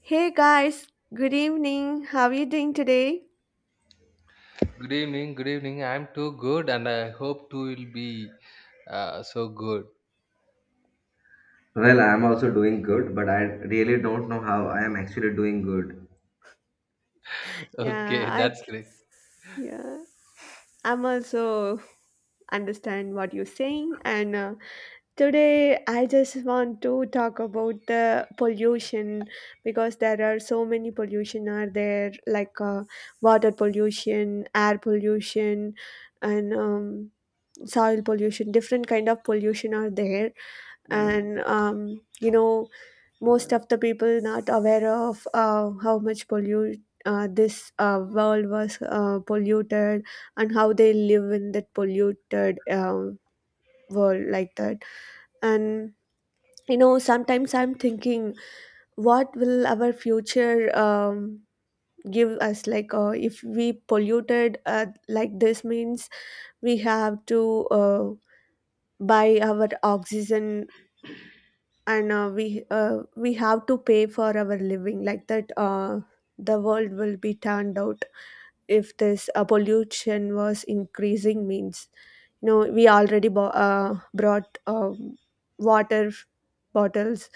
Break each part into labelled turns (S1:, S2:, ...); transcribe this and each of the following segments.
S1: Hey guys, good evening. How are you doing today?
S2: Good evening, good evening. I'm too good and I hope too will be so good.
S3: Well, I am also doing good, but I really don't know how I am actually doing good.
S1: Yeah,
S2: Okay,
S1: I
S2: that's great.
S1: yeah, I'm also understand what you're saying, and today I just want to talk about the pollution because there are so many pollution are there like water pollution, air pollution, and soil pollution. Different kind of pollution are there, and most of the people not aware of how much pollute this world was polluted and how they live in that polluted world like that and sometimes I'm thinking what will our future give us like if we polluted like this means we have to uh, buy our oxygen and we have to pay for our living like that the world will be turned out if this pollution was increasing means we already brought water bottles.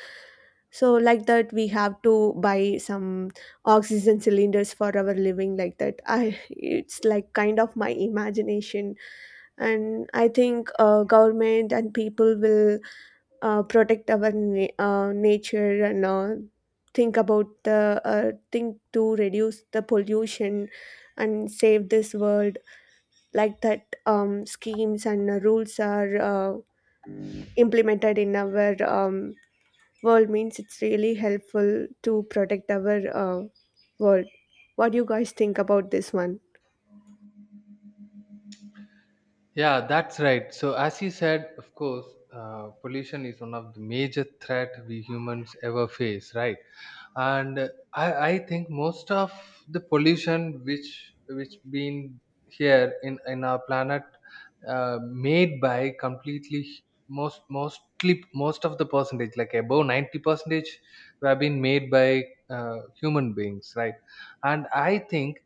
S1: So like that we have to buy some oxygen cylinders for our living like that I it's like kind of my imagination. And I think government and people will protect our nature and think about the think to reduce the pollution and save this world. Like that schemes and rules are implemented in our world means it's really helpful to protect our world. What do you guys think about this one?
S2: Yeah, that's right. So, as you said, of course, pollution is one of the major threat we humans ever face, right? And I think most of the pollution which been here in our planet made by completely most of the percentage like above 90 percentage were been made by human beings, right? And i think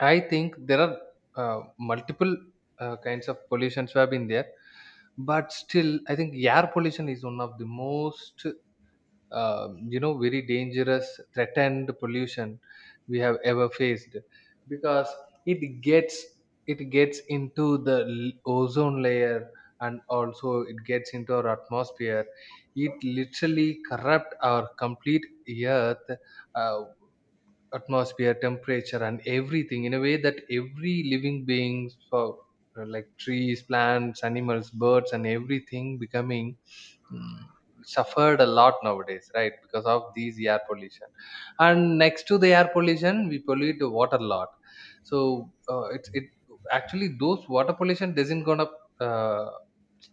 S2: i think there are multiple kinds of pollutions have been there. But still I think air pollution is one of the most very dangerous threatened pollution we have ever faced, because it gets it gets into the ozone layer, and also it gets into our atmosphere. It literally corrupt our complete earth uh, atmosphere, temperature, and everything in a way that every living beings for like trees, plants, animals, birds, and everything becoming mm, suffered a lot nowadays, right, because of these air pollution. And next to the air pollution, we pollute the water a lot. So it actually those water pollution doesn't gonna uh,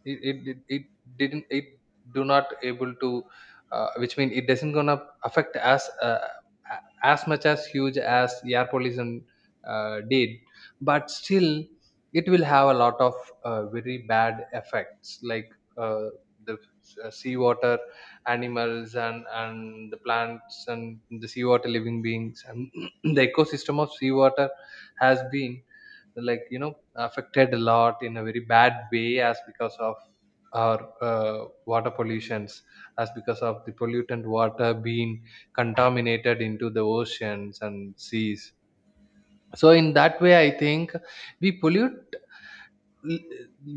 S2: it didn't it do not able to which mean it doesn't gonna affect us a- as much as huge as air pollution did. But still it will have a lot of very bad effects, like uh, the seawater animals and the plants and the seawater living beings and the ecosystem of seawater has been, like affected a lot in a very bad way, as because of our water pollutions, as because of the pollutant water being contaminated into the oceans and seas. So in that way, I think we pollute l-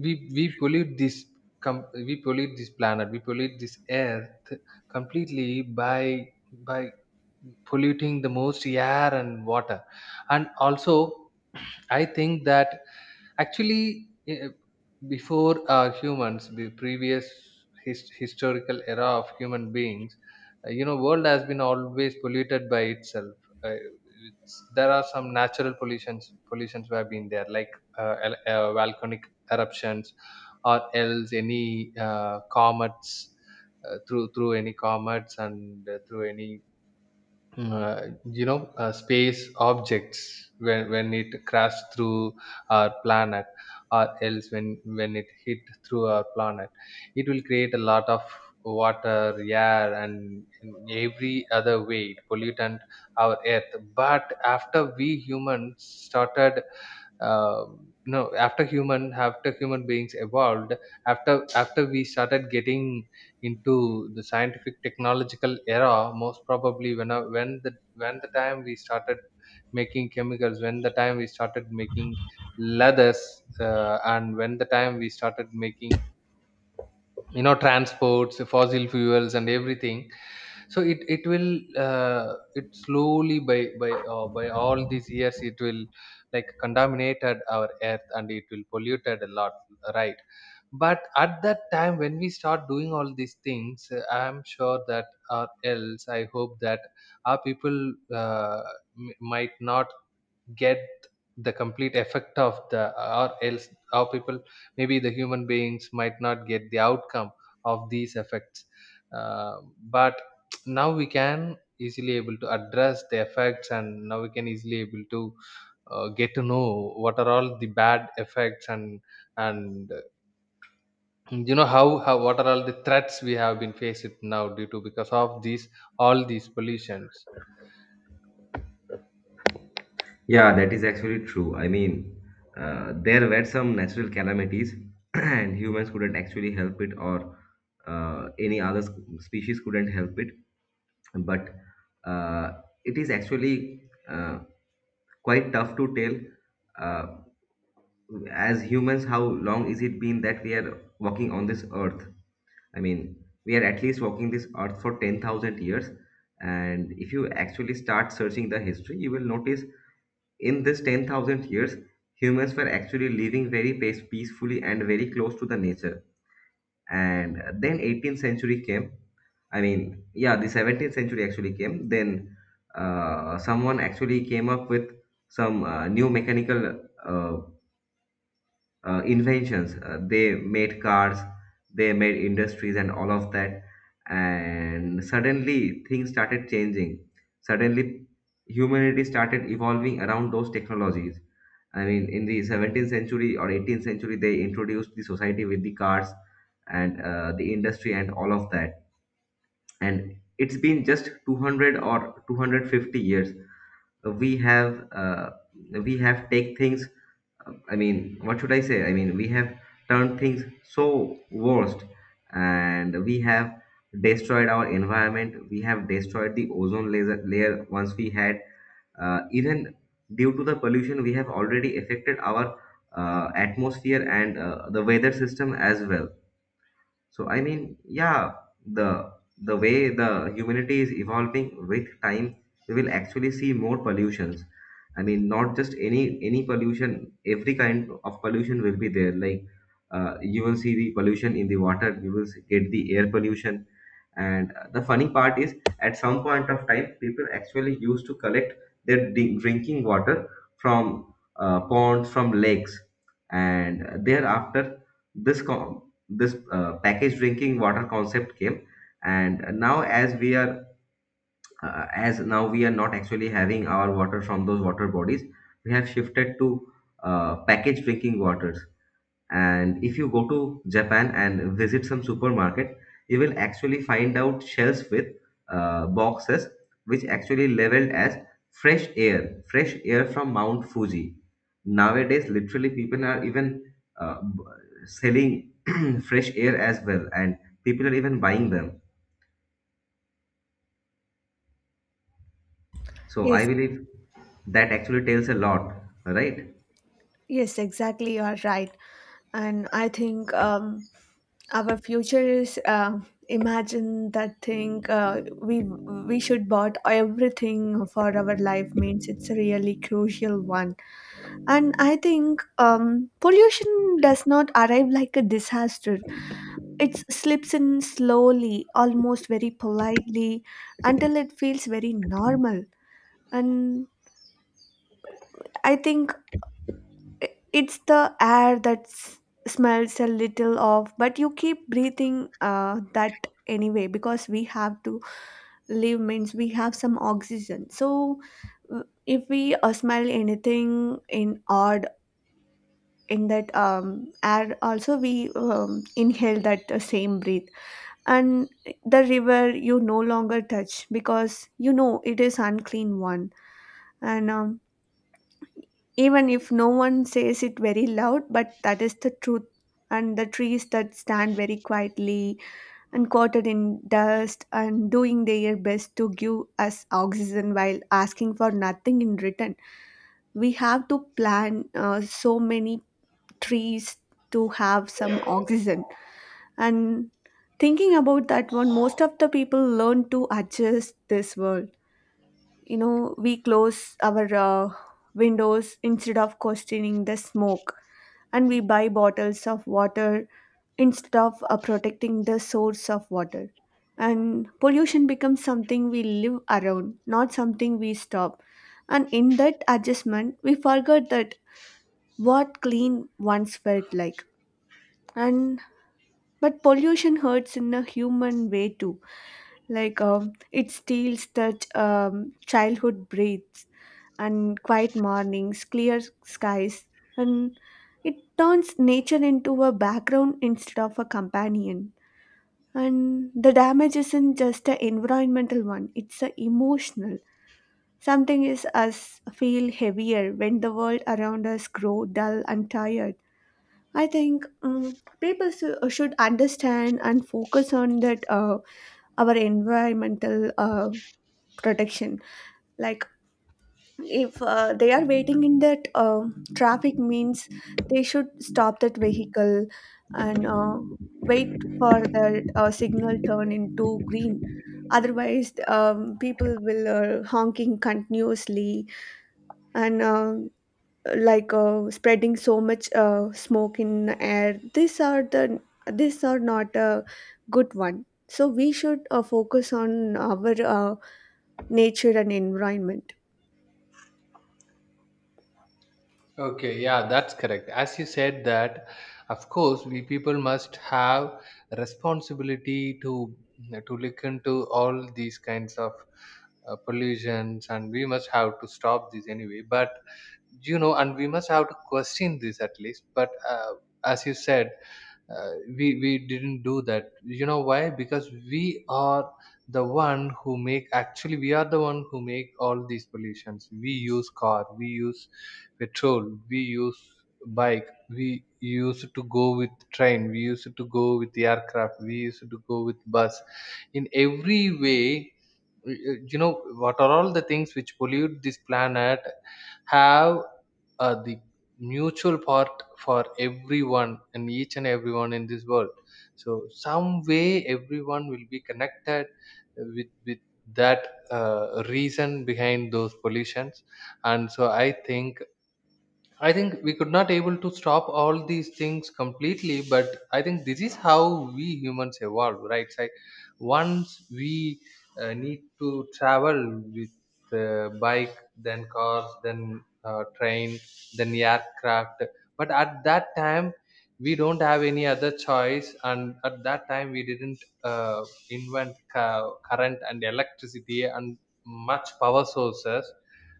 S2: we we pollute this we pollute this planet, we pollute this earth completely by polluting the most air and water. And also I think that actually before humans, the previous historical era of human beings, world has been always polluted by itself. uh, there are some natural pollutions have been there, like volcanic eruptions, or else any comets, through any comets, and through any space objects, when it crashed through our planet, or else when it hit through our planet, it will create a lot of water, air, and in every other way it pollutant our earth. But after we humans started, after human beings evolved, after we started getting into the scientific technological era, most probably when the time we started making chemicals, when the time we started making leathers, and when the time we started making transports, fossil fuels, and everything, so it will uh, it slowly by all these years it will like contaminated our earth, and it will polluted a lot, right? But at that time when we start doing all these things, I'm sure that, or else I hope that our people uh, might not get the complete effect of the, or else our people, maybe the human beings might not get the outcome of these effects. uh, but now we can easily able to address the effects, and now we can easily able to get to know what are all the bad effects and you know how what are all the threats we have been faced now due to because of these all these pollutions.
S3: Yeah, that is actually true. I mean, there were some natural calamities, and humans couldn't actually help it, or any other species couldn't help it. But uh, it is actually uh, quite tough to tell, uh, as humans, how long is it been that we are walking on this earth? I mean, we are at least walking this earth for 10,000 years. And if you actually start searching the history, you will notice in this 10,000 years, humans were actually living very peacefully and very close to the nature. And then 18th century came. I mean, yeah, the 17th century actually came. Then someone actually came up with some new mechanical uh, inventions. They made cars, they made industries, and all of that. And suddenly things started changing. Suddenly, humanity started evolving around those technologies. I mean, in the 17th century or 18th century, they introduced the society with the cars and the industry and all of that. And it's been just 200 or 250 years. We have uh, we have take things. I mean, what should I say? I mean, we have turned things so worst, and we have destroyed our environment. We have destroyed the ozone laser layer once we had. Even due to the pollution, we have already affected our atmosphere and the weather system as well. So I mean, yeah, the the way the humanity is evolving with time, we will actually see more pollutions. I mean, not just any pollution. Every kind of pollution will be there. Like you will see the pollution in the water. You will get the air pollution and the funny part is, at some point of time, people actually used to collect their drinking water from ponds, from lakes, and thereafter, this packaged drinking water concept came. And now, as now we are not actually having our water from those water bodies, we have shifted to packaged drinking waters. And if you go to Japan and visit some supermarket, you will actually find out shelves with boxes which actually labeled as fresh air from Mount Fuji. Nowadays, literally, people are even uh, b- selling fresh air as well, and people are even buying them. So I
S1: Yes,
S3: believe that actually tells a lot, right?
S1: yes, exactly. You are right. And I think our future is imagine that thing we should bought everything for our life means it's a really crucial one. And I think pollution does not arrive like a disaster, it slips in slowly almost very politely until it feels very normal. And I think i- it's the air that smells a little off but you keep breathing that anyway because we have to live means we have some oxygen. So if we smell anything in odd in that air also we inhale that same breath. And the river you no longer touch because you know it is unclean one. And even if no one says it very loud but that is the truth. And the trees that stand very quietly and coated in dust and doing their best to give us oxygen while asking for nothing in return. We have to plant so many trees to have some oxygen. And thinking about that one, most of the people learn to adjust this world. You know, we close our windows instead of questioning the smoke, and we buy bottles of water instead of protecting the source of water. And pollution becomes something we live around, not something we stop. And in that adjustment, we forgot that what clean once felt like. And but pollution hurts in a human way too. Like it steals that childhood breaths and quiet mornings, clear skies, and it turns nature into a background instead of a companion. And the damage isn't just an environmental one, it's a emotional. Something is us feel heavier when the world around us grow dull and tired. I think people should understand and focus on that our environmental protection. Like if they are waiting in that traffic means they should stop that vehicle and wait for the signal turn into green. Otherwise people will honking continuously and like spreading so much smoke in air. These are the these are not a good one, so we should focus on our nature and environment.
S2: Okay, yeah, that's correct. As you said that, of course, we people must have responsibility to look into all these kinds of pollutions, and we must have to stop this anyway. But and we must have to question this at least. But as you said, we didn't do that. You know why? Because we are the one who make. Actually, we are the one who make all these pollutions. We use car, we use petrol, we use bike, we used to go with train, we used to go with aircraft, we used to go with bus. In every way, you know what are all the things which pollute this planet have the mutual part for everyone and each and everyone in this world. So some way everyone will be connected with that reason behind those pollutions. And I think we could not able to stop all these things completely, but I think this is how we humans evolve, right? Like once we need to travel with bike, then cars, then train, then aircraft. But at that time, we don't have any other choice, and at that time, we didn't uh, invent current and electricity and much power sources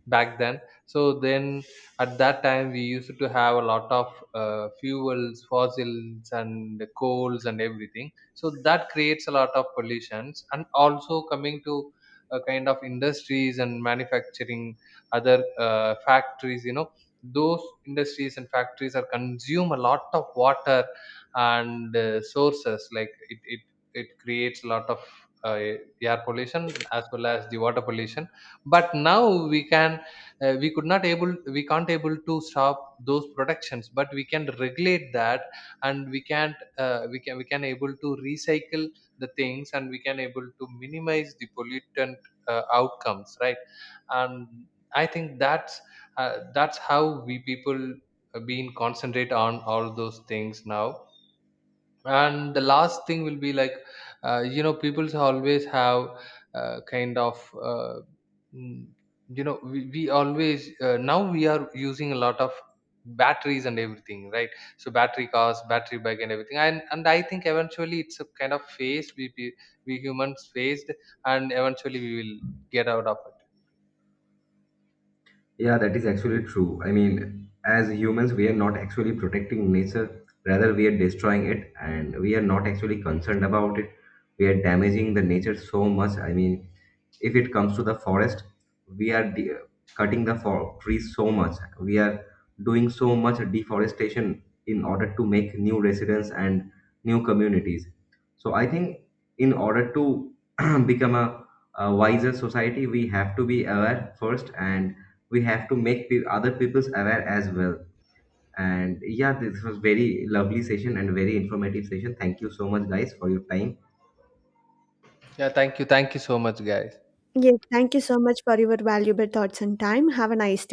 S2: back then. So then at that time we used to have a lot of fuels, fossils, and coals, and everything, so that creates a lot of pollutions. And also coming to a kind of industries and manufacturing, other factories, those industries and factories are consume a lot of water and sources, like it creates a lot of uh, air pollution as well as the water pollution. But now we can we can't able to stop those productions, but we can regulate that, and we can't we can able to recycle the things, and we can able to minimize the pollutant outcomes, right? And I think that's how we people been concentrate on all those things now. And the last thing will be like, people always have kind of mm, we always now we are using a lot of batteries and everything, right? So battery cars, battery bike, and everything. And I think eventually it's a kind of phase we humans faced, and eventually we will get out of it.
S3: Yeah, that is actually true. I mean, as humans, we are not actually protecting nature, rather, we are destroying it, and we are not actually concerned about it. We are damaging the nature so much. I mean, if it comes to the forest, we are cutting the trees so much. We are doing so much deforestation in order to make new residents and new communities. So I think in order to become a wiser society, we have to be aware first, and we have to make other people's aware as well. And yeah, this was very lovely session and very informative session. Thank you so much guys for your time.
S2: Yeah, thank you, thank you so much, guys.
S1: Yes, thank you so much for your valuable thoughts and time. Have a nice day.